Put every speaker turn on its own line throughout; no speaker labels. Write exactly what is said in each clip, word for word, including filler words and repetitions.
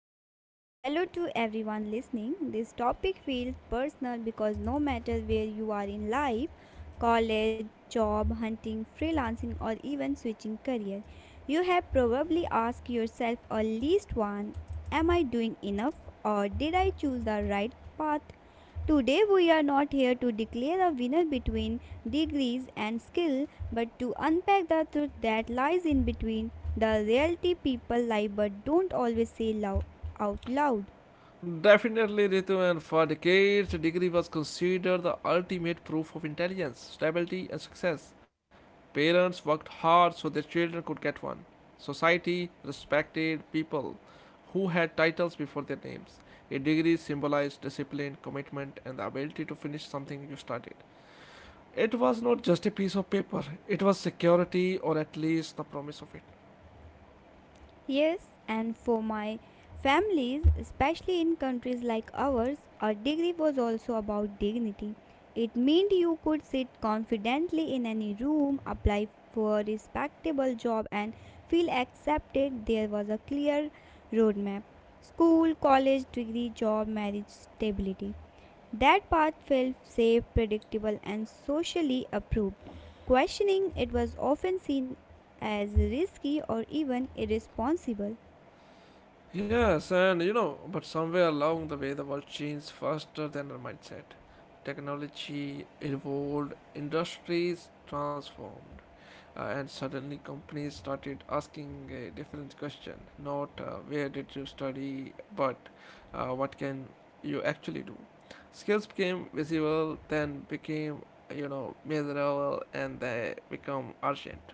Ankush, and hello to everyone listening. This topic feels personal because no matter where you are in life college, job, hunting, freelancing, or even switching career you have probably asked yourself at least one. Am I doing enough, or did I choose the right path? Today, we are not here to declare a winner between degrees and skill, but to unpack the truth that lies in between the reality people lie but don't always say out loud.
Definitely, Ritu, and for decades, the degree was considered the ultimate proof of intelligence, stability, and success. Parents worked hard so their children could get one. Society respected people who had titles before their names. A degree symbolized discipline, commitment, and the ability to finish something you started. It was not just a piece of paper, it was security or at least the promise of it.
Yes, and for my families, especially in countries like ours, a degree was also about dignity. It meant you could sit confidently in any room, apply for a respectable job, and feel accepted. There was a clear roadmap school, college, degree, job, marriage, stability. That path felt safe, predictable, and socially approved. Questioning it was often seen as risky or even irresponsible.
Yes, and you know, but somewhere along the way, the world changed faster than our mindset. Technology evolved, industries transformed, uh, and suddenly companies started asking a different question, not uh, where did you study, but uh, what can you actually do. Skills became visible, then became, you know, measurable, and they become urgent.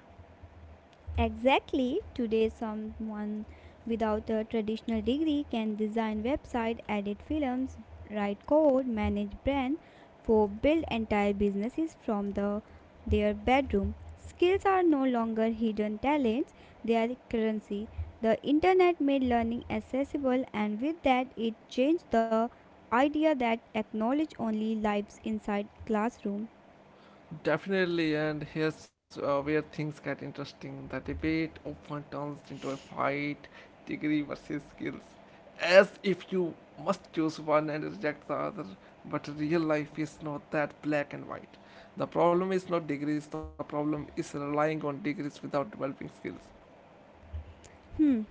Exactly. Today someone without a traditional degree can design website, edit films, write code, manage brand, for build entire businesses from the their bedroom. Skills are no longer hidden talents, they are currency. The internet made learning accessible, and with that it changed the idea that acknowledge only lives inside classroom.
Definitely, and here's uh, where things get interesting. The debate often turns into a fight, degree versus skills, as if you must choose one and reject the other. But real life is not that black and white. The problem is not degrees, the problem is relying on degrees without developing skills.
Hmm.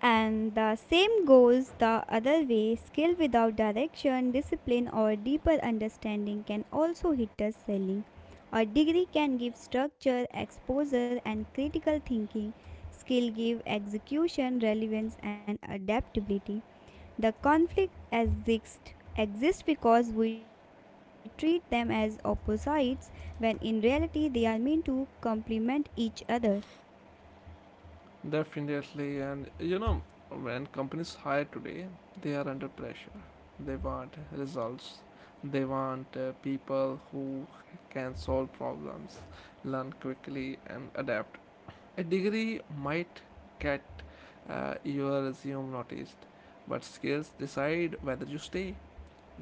And the same goes the other way skill without direction, discipline, or deeper understanding can also hinder selling. A degree can give structure, exposure, and critical thinking. Skill give execution, relevance, and adaptability. The conflict exists exists because we treat them as opposites when in reality they are meant to complement each other.
Definitely, and you know, when companies hire today, they are under pressure. They want results. They want uh, people who can solve problems, learn quickly, and adapt. A degree might get uh, your resume noticed, but skills decide whether you stay.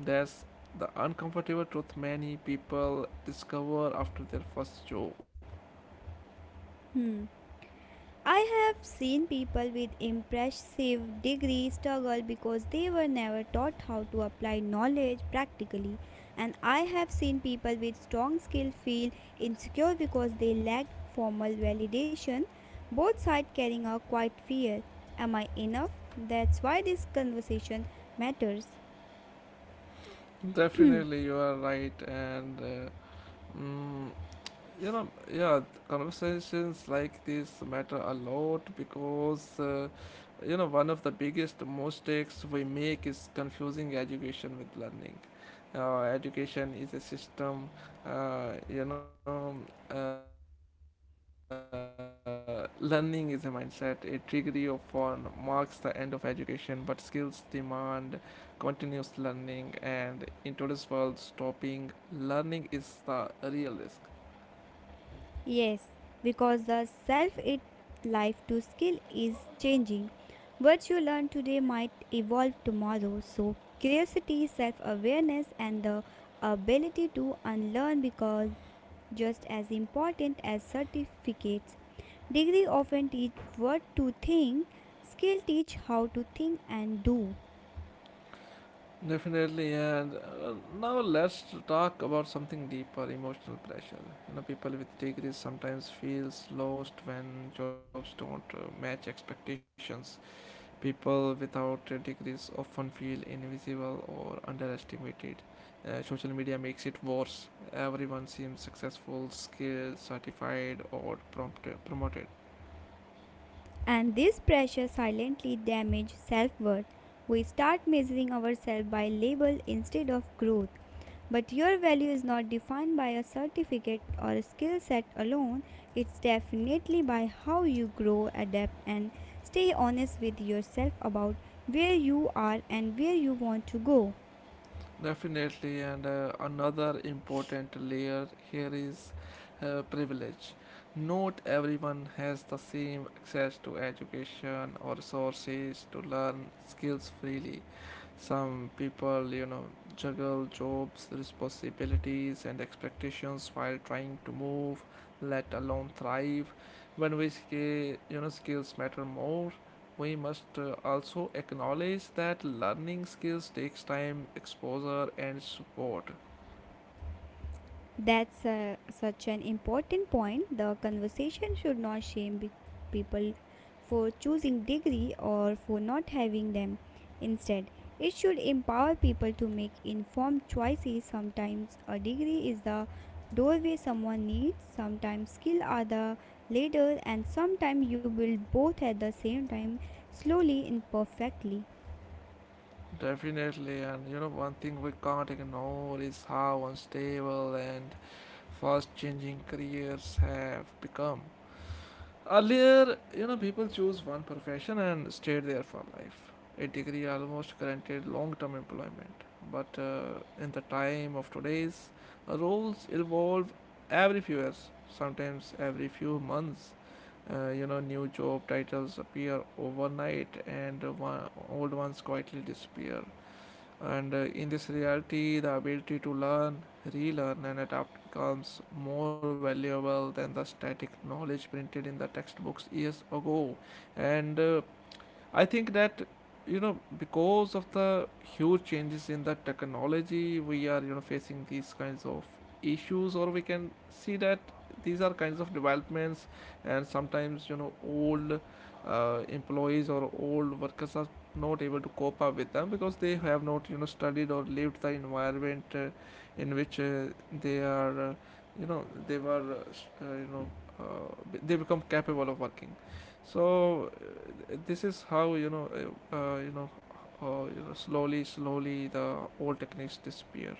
That's the uncomfortable truth many people discover after their first job.
Hmm. I have seen people with impressive degrees struggle because they were never taught how to apply knowledge practically. And I have seen people with strong skill feel insecure because they lacked formal validation, both sides carrying a quiet fear. Am I enough? That's why this conversation matters.
Definitely, you are right, and. Uh, Mm, you know, yeah, th- conversations like this matter a lot because uh, you know, one of the biggest mistakes we make is confusing education with learning. Uh, education is a system, uh, you know uh, learning is a mindset. A degree of one marks the end of education, but skills demand continuous learning, and in today's world stopping learning is the real risk.
Yes, because the self it life to skill is changing. What you learn today might evolve tomorrow. So curiosity, self-awareness, and the ability to unlearn because just as important as certificates. Degree often teach what to think, skill teach how to think and do.
Definitely, and uh, now let's talk about something deeper: emotional pressure. You know, people with degrees sometimes feels lost when jobs don't uh, match expectations. People without uh, degrees often feel invisible or underestimated. Uh, social media makes it worse. Everyone seems successful, skilled, certified, or prompt- uh, promoted.
And this pressure silently damages self worth. We start measuring ourselves by label instead of growth. But your value is not defined by a certificate or a skill set alone, it's definitely by how you grow, adapt, and stay honest with yourself about where you are and where you want to go.
Definitely, and uh, another important layer here is uh, privilege. Not everyone has the same access to education or resources to learn skills freely. Some people, you know, juggle jobs, responsibilities, and expectations while trying to move, let alone thrive. When we say, you know, skills matter more, we must uh, also acknowledge that learning skills takes time, exposure and support.
That's uh, such an important point. The conversation should not shame be- people for choosing degree or for not having them. Instead, it should empower people to make informed choices. Sometimes a degree is the doorway someone needs, sometimes skill are the ladder, and sometimes you build both at the same time slowly and perfectly.
Definitely, and you know, one thing we can't ignore is how unstable and fast changing careers have become. Earlier, you know, people choose one profession and stayed there for life. A degree almost granted long term employment. But uh, in the time of today's, uh, roles evolve every few years, sometimes every few months. Uh, you know, new job titles appear overnight, and uh, one, old ones quietly disappear. And uh, in this reality, the ability to learn, relearn, and adapt becomes more valuable than the static knowledge printed in the textbooks years ago. And uh, I think that, you know, because of the huge changes in the technology, we are, you know, facing these kinds of issues, or we can see that these are kinds of developments, and sometimes you know old uh, employees or old workers are not able to cope up with them because they have not, you know, studied or lived the environment uh, in which uh, they are uh, you know they were uh, s- uh, you know uh, b- they become capable of working. So this is how, you know uh, uh, you know uh, you know, slowly slowly the old techniques disappear.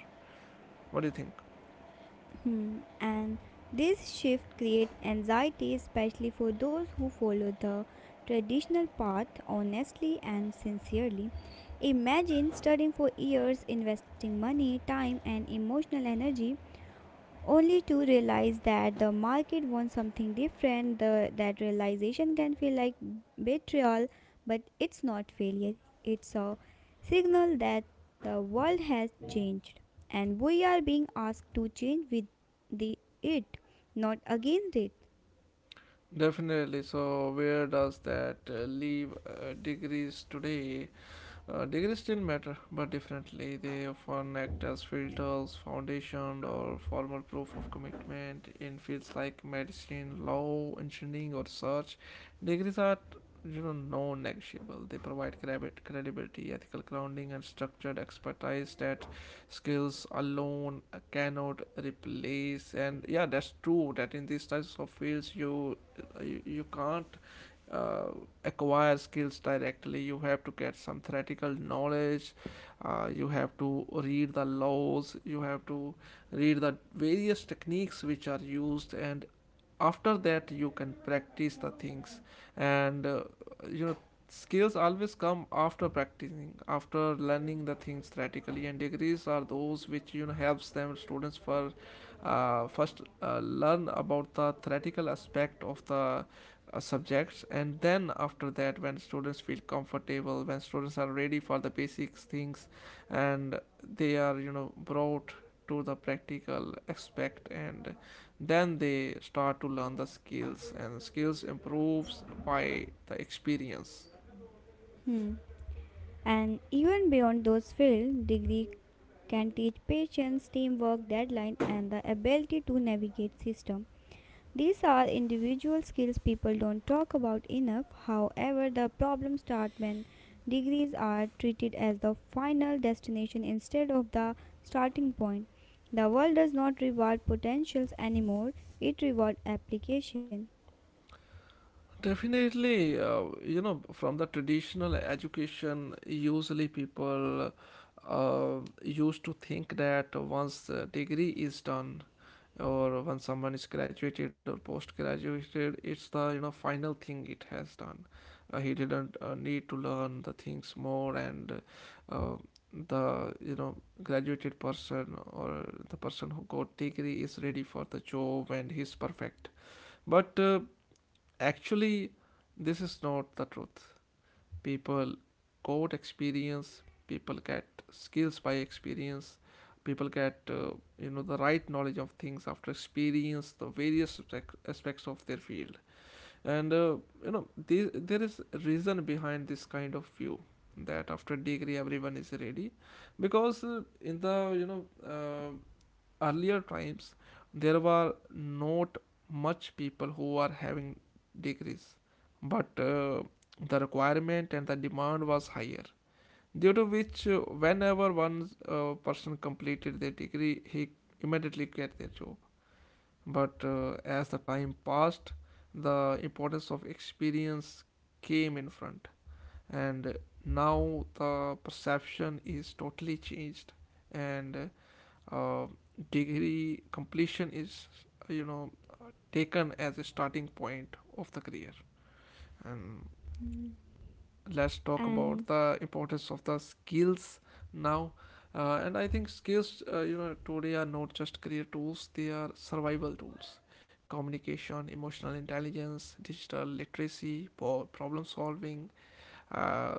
What do you think?
Hmm. And this shift creates anxiety, especially for those who follow the traditional path honestly and sincerely. Imagine studying for years, investing money, time, and emotional energy, only to realize that the market wants something different. The, that realization can feel like betrayal, but it's not failure. It's a signal that the world has changed and we are being asked to change with the it, not against it.
Definitely, so where does that uh, leave uh, degrees today? Uh, degrees still matter, but differently. They often act as filters, foundation, or formal proof of commitment in fields like medicine, law, engineering, or research. Degrees are, you know, non-negotiable. They provide credi- credibility, ethical grounding and structured expertise that skills alone cannot replace. And yeah, that's true, that in these types of fields you, you, you can't uh, acquire skills directly. You have to get some theoretical knowledge, uh, you have to read the laws, you have to read the various techniques which are used, and after that you can practice the things. And uh, you know skills always come after practicing, after learning the things theoretically, and degrees are those which, you know, helps them students for uh, first uh, learn about the theoretical aspect of the uh, subjects, and then after that when students feel comfortable, when students are ready for the basics things, and they are, you know, brought to the practical aspect, and then they start to learn the skills, and skills improves by the experience.
Hmm. And even beyond those fields, degree can teach patience, teamwork, deadline, and the ability to navigate system. These are individual skills people don't talk about enough. However, the problem starts when degrees are treated as the final destination instead of the starting point. The world does not reward potentials anymore, it rewards application.
Definitely. Uh, you know, from the traditional education usually people uh, used to think that once the degree is done, or when someone is graduated or post graduated, it's the, you know, final thing, it has done. Uh, he didn't uh, need to learn the things more, and uh, the, you know, graduated person, or the person who got degree, is ready for the job and he's perfect. But uh, actually, this is not the truth. People got experience, people get skills by experience, people get uh, you know, the right knowledge of things after experience the various aspects of their field. And uh, you know, the, there is reason behind this kind of view that after degree everyone is ready, because uh, in the, you know uh, earlier times, there were not much people who are having degrees, but uh, the requirement and the demand was higher, due to which uh, whenever one uh, person completed their degree, he immediately get their job. But uh, as the time passed, the importance of experience came in front, and now the perception is totally changed. And uh, uh, degree completion is, you know, taken as a starting point of the career. And
Mm.
let's talk about
And
the importance of the skills now. Uh, and I think skills, uh, you know, today are not just career tools, they are survival tools. Communication, emotional intelligence, digital literacy, po- problem solving, uh,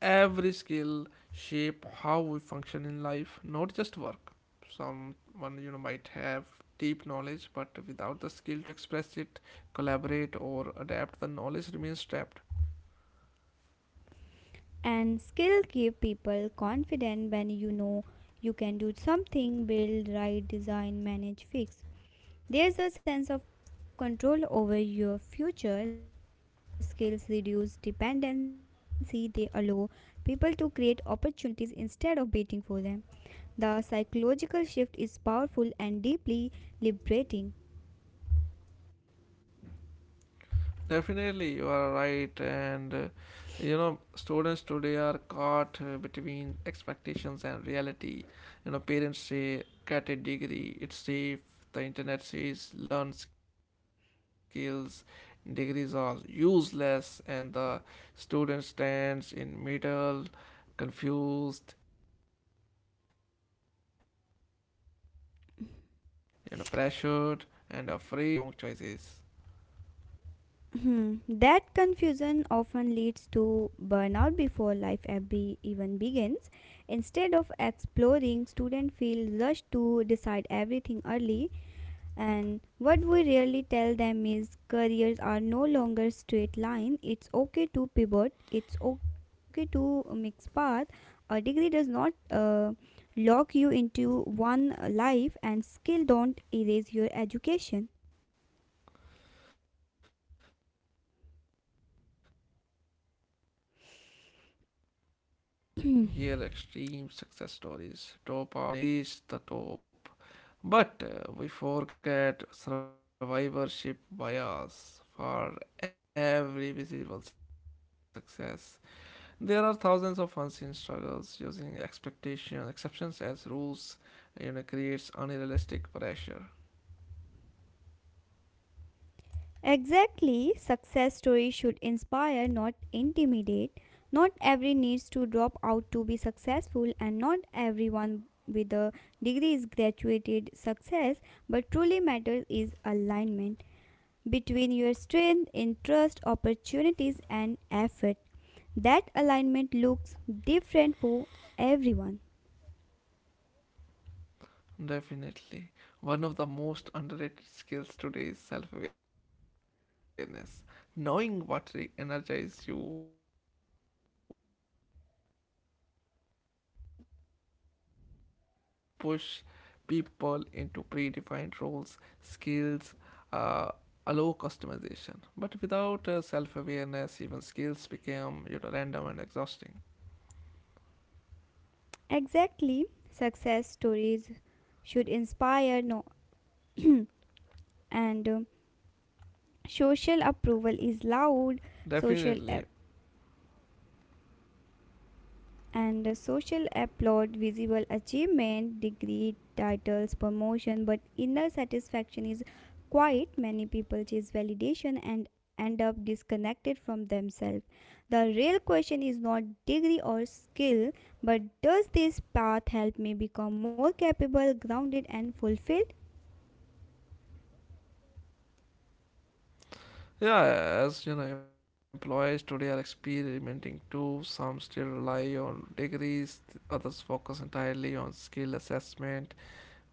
every skill shape how we function in life, not just work. Someone, you know, might have deep knowledge, but without the skill to express it, collaborate or adapt, the knowledge remains trapped.
and skill give people confident when you know you can do something, build, write, design, manage, fix. There's a sense of control over your future. Skills reduce dependency. They allow people to create opportunities instead of waiting for them. The psychological shift is powerful and deeply liberating.
Definitely, you are right. And uh, you know, students today are caught uh, between expectations and reality. You know, parents say get a degree, it's safe. The internet says learn skills, degrees are useless, and the student stands in middle, confused, you know, pressured, and afraid of making the wrong choices.
That confusion often leads to burnout before life ab- even begins. Instead of exploring, students feel rushed to decide everything early. And what we really tell them is careers are no longer straight line. It's okay to pivot. It's okay to mix path. A degree does not uh, lock you into one uh, life, and skill don't erase your education.
Definitely, and you know, we often hear extreme success stories, dropouts who become billionaires or degree holders who reach the top. But uh, we forget survivorship bias. For every visible success there are thousands of unseen struggles. Using expectation exceptions as rules, you know, creates unrealistic pressure.
Exactly, success stories should inspire, not intimidate. Not every needs to drop out to be successful, and not everyone with a degree is graduated success. But truly matters is alignment between your strength, interest, opportunities, and effort. That alignment looks different for everyone.
Definitely. One of the most underrated skills today is self awareness. Knowing what re- energizes you, what trains you, and where you grow best. Degrees often push people into predefined roles, skills, uh, allow customization. But without uh, self awareness, even skills become, you know, random and exhausting.
Exactly, success stories should inspire no, and uh, social approval is loud, social app
Definitely.
and social applaud, visible achievement, degree, titles, promotion, but inner satisfaction is quiet. Many people chase validation and end up disconnected from themselves. The real question is not degree or skill, but does this path help me become more capable, grounded, and fulfilled?
Yeah, as you know, employees today are experimenting too. Some still rely on degrees, th- others focus entirely on skill assessment.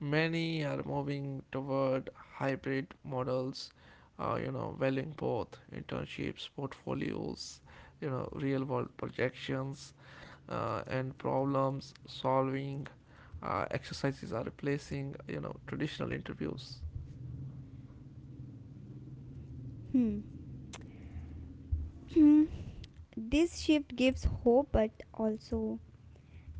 Many are moving toward hybrid models, uh, you know, valuing both internships, portfolios, you know, real world projections, uh, and problems solving uh, exercises are replacing, you know, traditional interviews.
Hmm. This shift gives hope, but also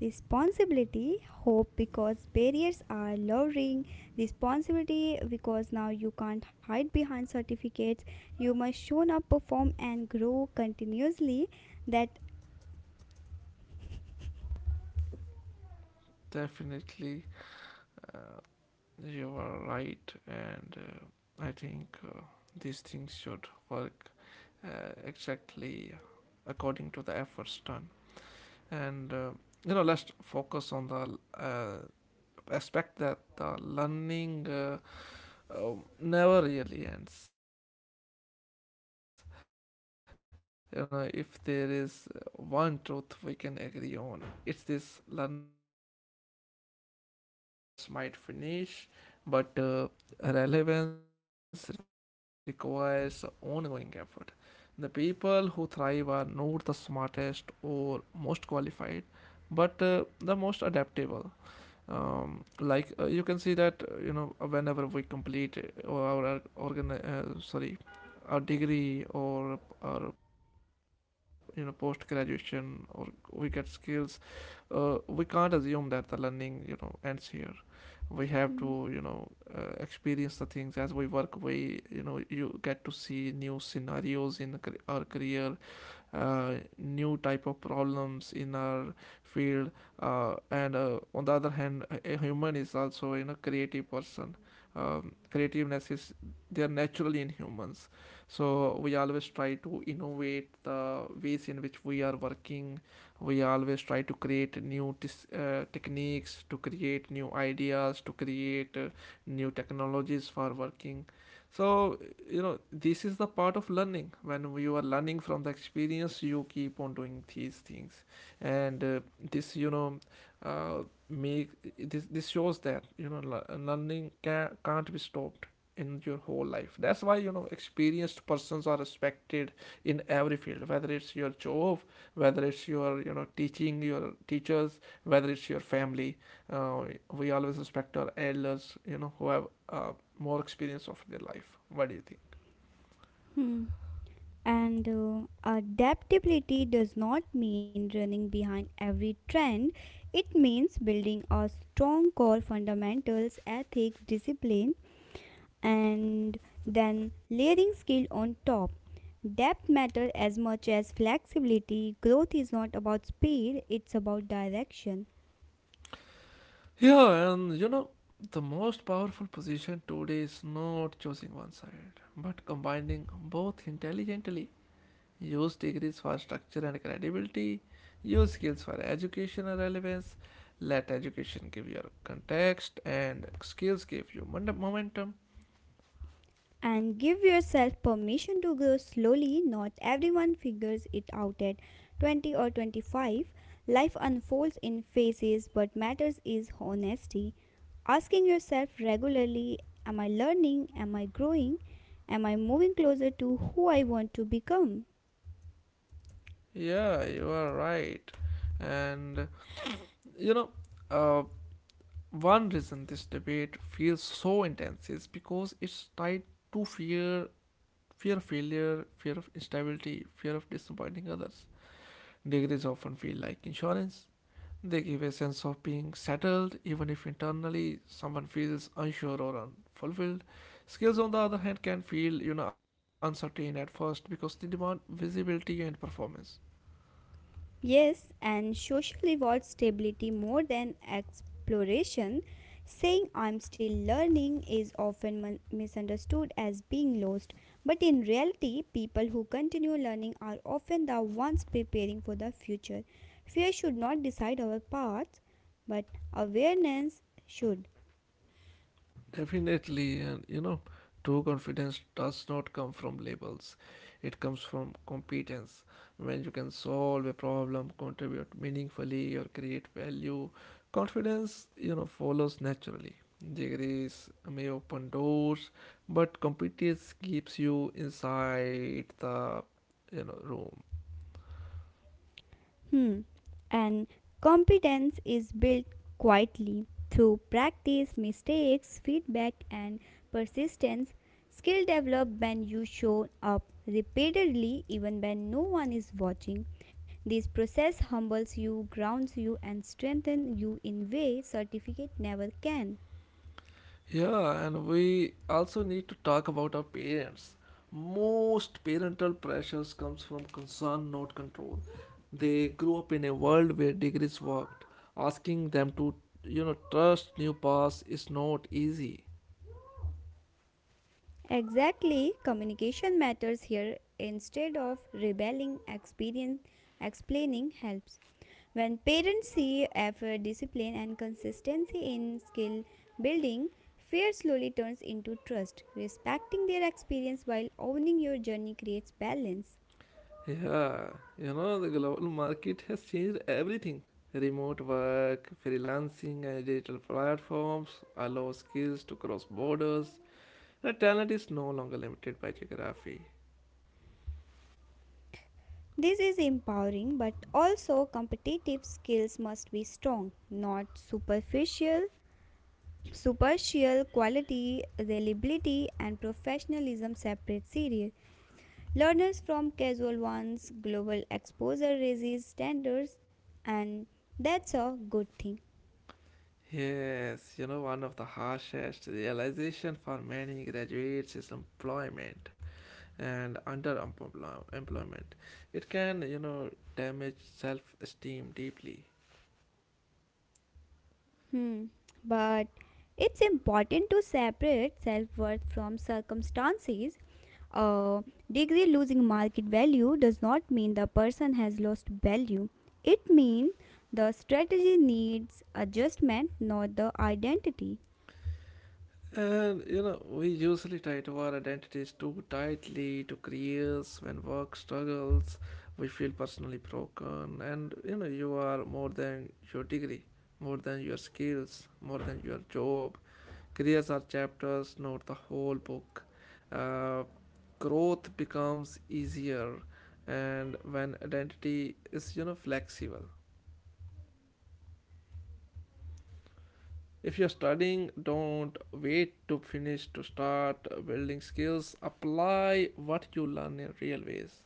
responsibility, hope because barriers are lowering. Responsibility because now you can't hide behind certificates. You must show up, perform, and grow continuously. That
Definitely. Uh, You are right, and uh, I think uh, these things should work uh, exactly according to the efforts done. And uh, you know, let's focus on the uh, aspect that the learning uh, uh, never really ends. You know, if there is one truth we can agree on, it's this: learning never ends. A degree might end, a course might finish, but uh, relevance requires ongoing effort. The people who thrive are not the smartest or most qualified, but uh, the most adaptable. Um, like, uh, you can see that uh, you know, whenever we complete uh, our organ uh, sorry our degree or our, you know, post graduation, or we get skills, uh, we can't assume that the learning, you know, ends here. We have to, you know, uh,
Hmm,
experience the things as we work. We You know, you get to see new scenarios in our career, uh, new type of problems in our field. Uh, and uh, on the other hand, a- human is also, you know, creative person. Um, creativeness is, they are naturally in humans. So we always try to innovate the ways in which we are working. We always try to create new tis, uh, techniques, to create new ideas, to create uh, new technologies for working. So, you know, this is the part of learning. When you are learning from the experience, you keep on doing these things. And uh, this you know uh, make this this shows that, you know, le- learning can, can't be stopped in your whole life. That's why, you know, experienced persons are respected in every field, whether it's your job, whether it's your, you know, teaching, your teachers, whether it's your family. uh, we always respect our elders, you know, who have uh, more experience of their life. What do you think?
hmm. And uh, adaptability does not mean running behind every trend. It means building a strong core fundamentals, ethics, discipline, and then layering skill on top. Depth matters as much as flexibility. Growth is not about speed, it's about direction.
Yeah, and you know, the most powerful position today is not choosing one side, but combining both intelligently. Use degrees for structure and credibility, use skills for educational relevance, let education give your context, and skills give you momentum.
And give yourself permission to grow slowly. Not everyone figures it out at twenty or twenty-five. Life unfolds in phases, but matters is honesty. Asking yourself regularly, am I learning? Am I growing? Am I moving closer to who I want to become?
Yeah, you are right. And you know, uh, one reason this debate feels so intense is because it's tied to fear. Fear of failure, fear of instability, fear of disappointing others. Degrees often feel like insurance. They give a sense of being settled, even if internally someone feels unsure or unfulfilled. Skills, on the other hand, can feel, you know, uncertain at first because they demand visibility and performance.
Yes, and social rewards stability more than exploration. Saying I'm still learning is often mon- misunderstood as being lost, but in reality, people who continue learning are often the ones preparing for the future. Fear should not decide our paths, but awareness should.
Definitely, and you know, true confidence does not come from labels, it comes from competence. When you can solve a problem, contribute meaningfully, or create value, confidence, you know, follows naturally. Degrees may open doors, but competence keeps you inside the, you know, room.
Hmm. And competence is built quietly through practice, mistakes, feedback, and persistence. Skill develop when you show up repeatedly, even when no one is watching. This process humbles you, grounds you, and strengthens you in way certificate never can.
Yeah, and we also need to talk about our parents. Most parental pressures comes from concern, not control. They grew up in a world where degrees worked. Asking them to, you know, trust new paths is not easy.
Exactly, communication matters here. Instead of rebelling, experience explaining helps. When parents see effort, discipline, and consistency in skill building, fear slowly turns into trust. Respecting their experience while owning your journey creates balance.
Yeah, you know, the global market has changed everything. Remote work, freelancing, and digital platforms allow skills to cross borders. The talent is no longer limited by geography.
This is empowering, but also competitive skills must be strong, not superficial. Superficial quality, reliability, and professionalism separate serial learners from casual ones. Global exposure raises standards, and that's a good thing.
Yes, you know, one of the harshest realization for many graduates is employment and underemployment. It can, you know, damage self-esteem deeply.
Hmm. But it's important to separate self worth from circumstances. A degree losing market value does not mean the person has lost value. It means the strategy needs adjustment, not the identity.
And you know, we usually tie to our identities too tightly to careers. When work struggles, we feel personally broken, and you know, you are more than your degree, more than your skills, more than your job. Careers are chapters, not the whole book. Uh, Growth becomes easier and when identity is, you know, flexible. If you're studying, don't wait to finish to start building skills, apply what you learn in real ways.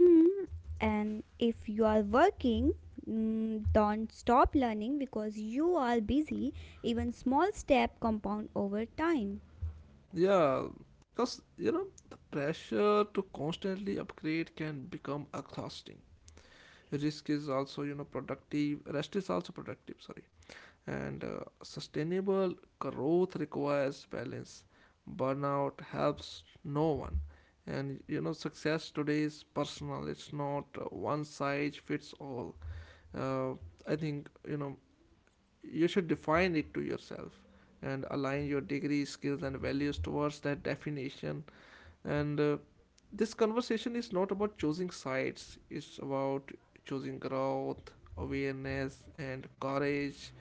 Hmm. And if you are working, mm, don't stop learning because you are busy. Even small step compound over time.
Yeah, because, you know, the pressure to constantly upgrade can become exhausting. Risk is also, you know, productive, rest is also productive, sorry. And uh, sustainable growth requires balance. Burnout helps no one. And you know, success today is personal, it's not uh, one size fits all. uh, I think, you know, you should define it to yourself and align your degree, skills and values towards that definition. And uh, this conversation is not about choosing sides, it's about choosing growth, awareness and courage.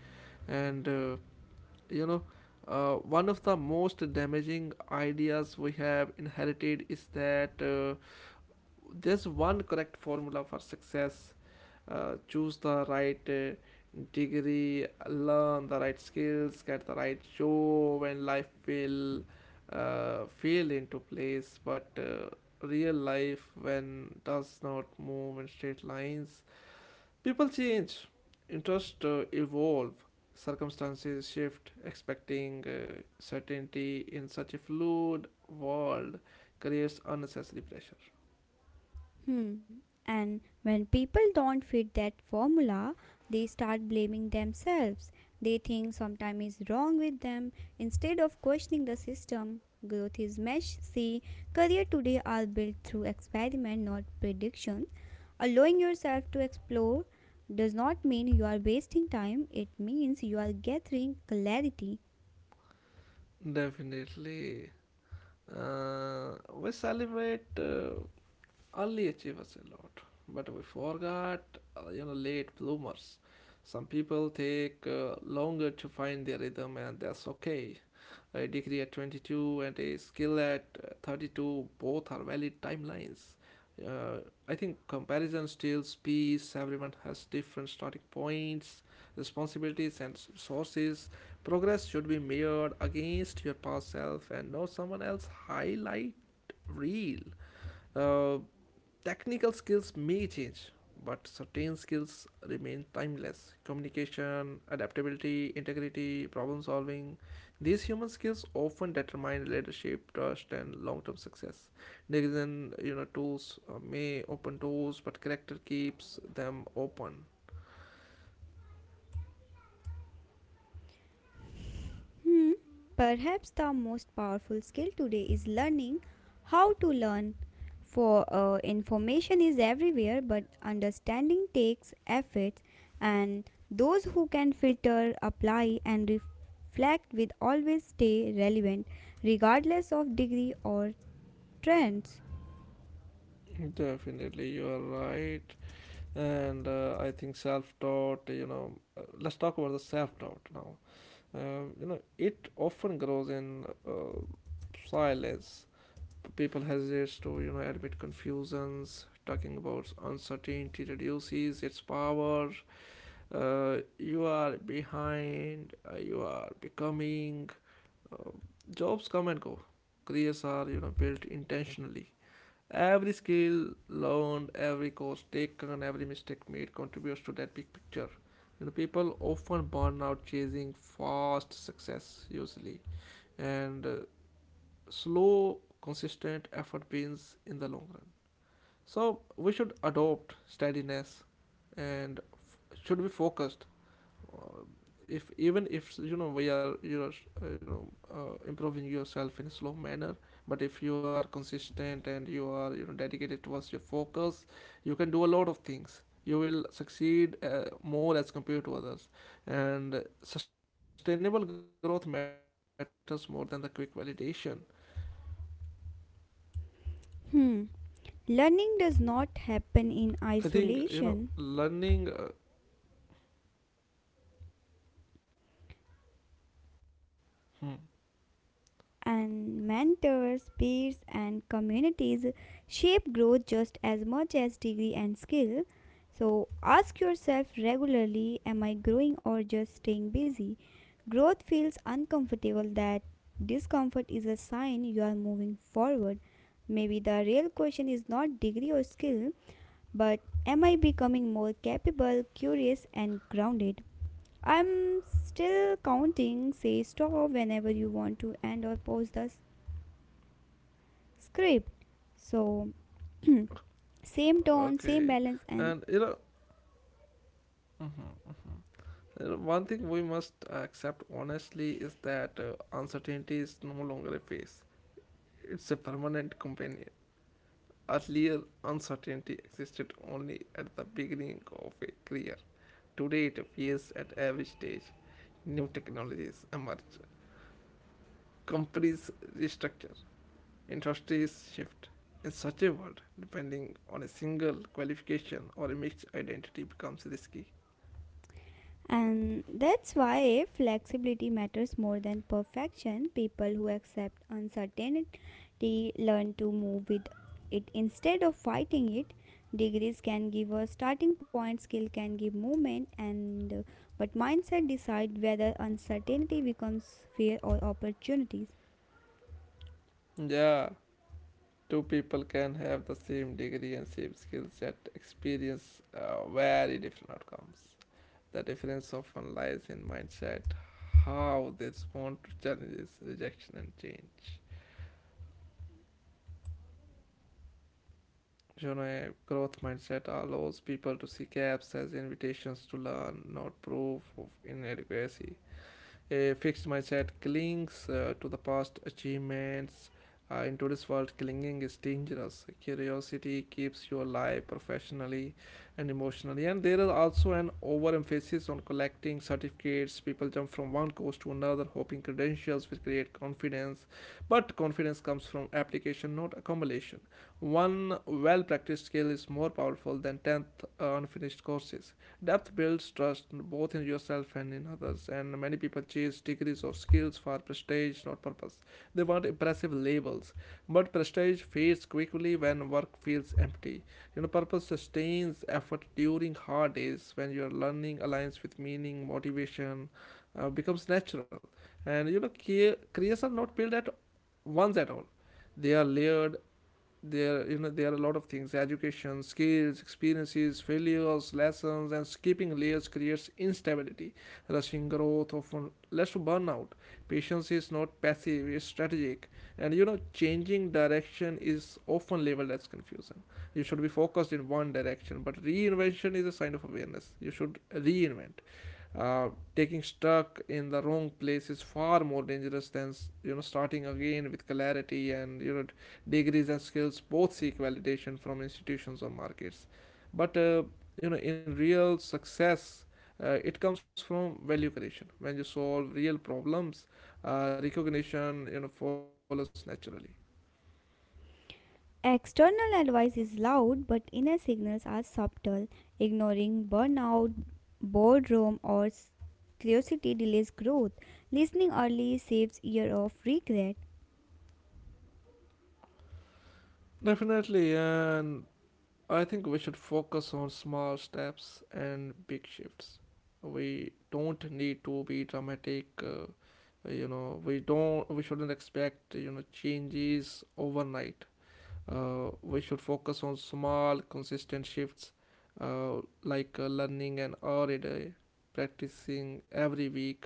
And uh, you know, uh, one of the most damaging ideas we have inherited is that, uh, there's one correct formula for success. Uh, choose the right uh, degree, learn the right skills, get the right job, and life will uh, feel into place. But uh, real life when does not move in straight lines. People change, interests uh, evolve, circumstances shift, expecting uh, certainty in such a fluid world creates unnecessary pressure.
Hmm. And when people don't fit that formula, they start blaming themselves. They think something is wrong with them instead of questioning the system. Growth is messy. Career today are built through experiment, not prediction. Allowing yourself to explore does not mean you are wasting time, it means you are gathering clarity.
Definitely. Uh, we celebrate uh, early achievers a lot, but we forgot, uh, you know, late bloomers. Some people take uh, longer to find their rhythm, and that's okay. A degree at twenty-two and a skill at uh, thirty-two, both are valid timelines. uh, I think comparison steals peace. Everyone has different starting points, responsibilities and sources. Progress should be measured against your past self and not someone else highlight reel. uh, Technical skills may change, but certain skills remain timeless. Communication, adaptability, integrity, problem solving. These human skills often determine leadership, trust, and long term success. Degrees and, you know, tools uh, may open doors, but character keeps them open.
Hmm. Perhaps the most powerful skill today is learning how to learn. For uh, information is everywhere, but understanding takes effort, and those who can filter, apply, and reflect will always stay relevant, regardless of degree or trends.
Definitely, you are right. And uh, I think self doubt, you know, uh, let's talk about the self doubt now. Uh, you know, it often grows in uh, silence. People hesitate to, you know, admit confusions. Talking about uncertainty reduces its power. Uh, you are behind, uh, you are becoming. Jobs come and go, careers are, you know, built intentionally. Every skill learned, every course taken, every mistake made contributes to that big picture. You know, people often burn out chasing fast success usually. And uh, slow consistent effort pays in the long run. So we should adopt steadiness and f- should be focused. uh, if, even if, you know, we are, you know, uh, you know uh, improving yourself in a slow manner, but if you are consistent and you are, you know, dedicated towards your focus, you can do a lot of things. You will succeed uh, more as compared to others, and sustainable growth matters more than the quick validation.
Hmm. Learning does not happen in
I think, you know,
isolation.
learning. Uh, hmm,
And mentors, peers, and communities shape growth just as much as degree and skill. So ask yourself regularly, am I growing or just staying busy? Growth feels uncomfortable, that discomfort is a sign you are moving forward. Maybe the real question is not degree or skill, but am I becoming more capable, curious, and grounded? I'm still counting. Say stop whenever you want to end or pause the script so same tone same
okay,
balance and
and you know, mhm, mhm. You know, one thing we must accept honestly is that uh, uncertainty is no longer a phase; it's a permanent companion. Earlier, uncertainty existed only at the beginning of a career. Today, it appears at every stage. New technologies emerge, companies restructure, industries shift. In such a world, depending on a single qualification or a mixed identity becomes risky.
and that's why flexibility matters more than perfection people who accept uncertainty learn to move with it instead of fighting it. Degrees can give a starting point, skill can give movement, and uh, but mindset decide whether uncertainty becomes fear or opportunities.
Yeah, two people can have the same degree and same skills yet experience uh, very different outcomes. The difference often lies in mindset, how they respond to challenges, rejection, and change. You know, a
Uh,
growth mindset
growth uh,
allows people to see gaps as invitations to learn, not proof of inadequacy. Uh, fixed mindset clings uh, to the past achievements. Uh, in today's world, clinging is dangerous. Curiosity keeps you alive professionally and emotionally. And there is also an overemphasis on collecting certificates. People jump from one course to another, hoping credentials will create confidence. But confidence comes from application, not accumulation. One well practiced skill is more powerful than tenth unfinished courses. Depth builds trust both in yourself and in others, and many people chase degrees or skills for prestige, not purpose. They want impressive labels, but prestige fades quickly when work feels empty. You know, purpose sustains effort during hard days when your learning aligns with meaning, motivation uh, becomes natural. And you know, care, careers are not built at once at all. They are layered. There you know there are a lot of things: education, skills, experiences, failures, lessons, and skipping layers creates instability. Rushing growth often leads to burnout. Patience is not passive, it's strategic. And you know, changing direction is often labeled as confusion. You should be focused in one direction, but reinvention is a sign of awareness. You should reinvent. uh, Taking stuck in the wrong place is far more dangerous than, you know, starting again with clarity. And you know, degrees and skills both seek validation from institutions or markets, but uh, you know, in real success, uh, it comes from value creation. When you solve real problems, uh, recognition, you know, follows naturally.
External advice is loud, but inner signals are subtle. Ignoring burnout, boredom, or curiosity delays growth. Listening early saves years of regret.
Definitely. And I think we should focus on small steps and big shifts. We don't need to be dramatic. Uh, you know, we don't we shouldn't expect, you know, changes overnight. Uh, we should focus on small, consistent shifts, uh, like, uh, learning an hour a day, practicing every week,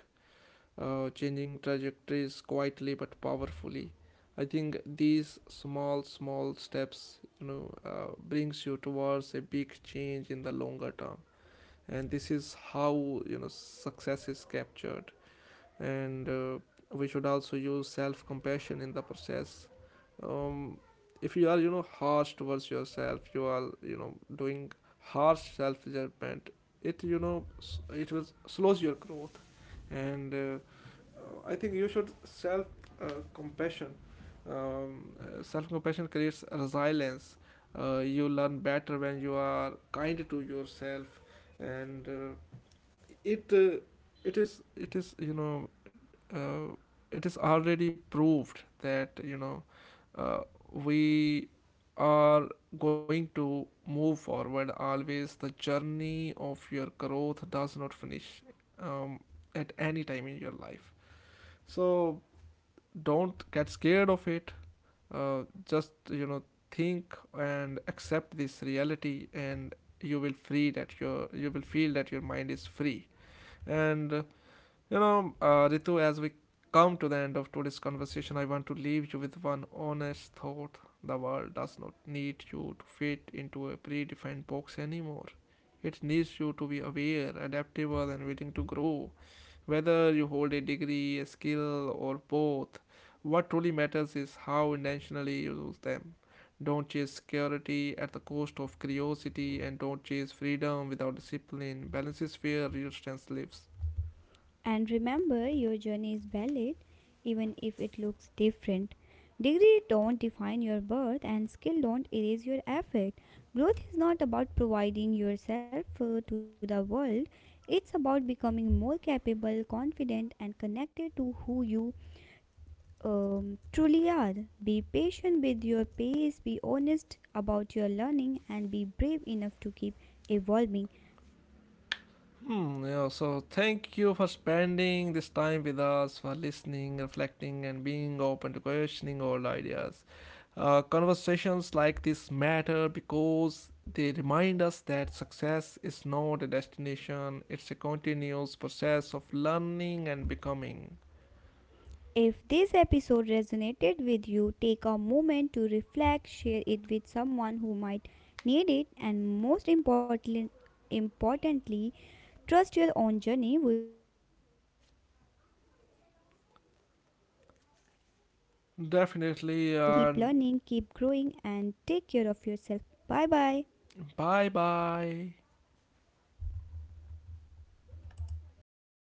uh, changing trajectories quietly but powerfully. I think these small, small steps, you know, uh, brings you towards a big change in the longer term. And this is how, you know, success is captured. And uh, we should also use self compassion in the process. um, if you are, you know, harsh towards yourself, you are, you know, doing harsh self judgment. it you know it will slows your growth. And uh, I think you should self uh, compassion. Um, uh, self compassion creates resilience. Uh, you learn better when you are kind to yourself. And uh, it uh, it is it is, you know, uh, it is already proved that, you know, uh, we are going to move forward always. The journey of your growth does not finish um, at any time in your life. So don't get scared of it. Uh, just, you know, think and accept this reality, and you will free that your you will feel that your mind is free. And uh, you know, uh, Ritu, as we come to the end of today's conversation, I want to leave you with one honest thought. The world does not need you to fit into a predefined box anymore. It needs you to be aware, adaptable, and willing to grow. Whether you hold a degree, a skill, or both, what truly matters is how intentionally you use them. Don't chase security at the cost of curiosity, and don't chase freedom without discipline. Balance is where real strength lives.
And remember, your journey is valid, even if it looks different. Degree don't define your birth, and skill don't erase your effort. Growth is not about providing yourself uh, to the world. It's about becoming more capable, confident, and connected to who you um, truly are. Be patient with your pace, be honest about your learning, and be brave enough to keep evolving.
Hmm, yeah, so thank you for spending this time with us, for listening, reflecting, and being open to questioning old ideas. Uh, conversations like this matter because they remind us that success is not a destination, it's a continuous process of learning and becoming.
If this episode resonated with you, take a moment to reflect, share it with someone who might need it, and most importantly, importantly trust your own journey. Keep learning, keep growing, and
Definitely,
take care
and
of yourself. Bye bye.
bye bye.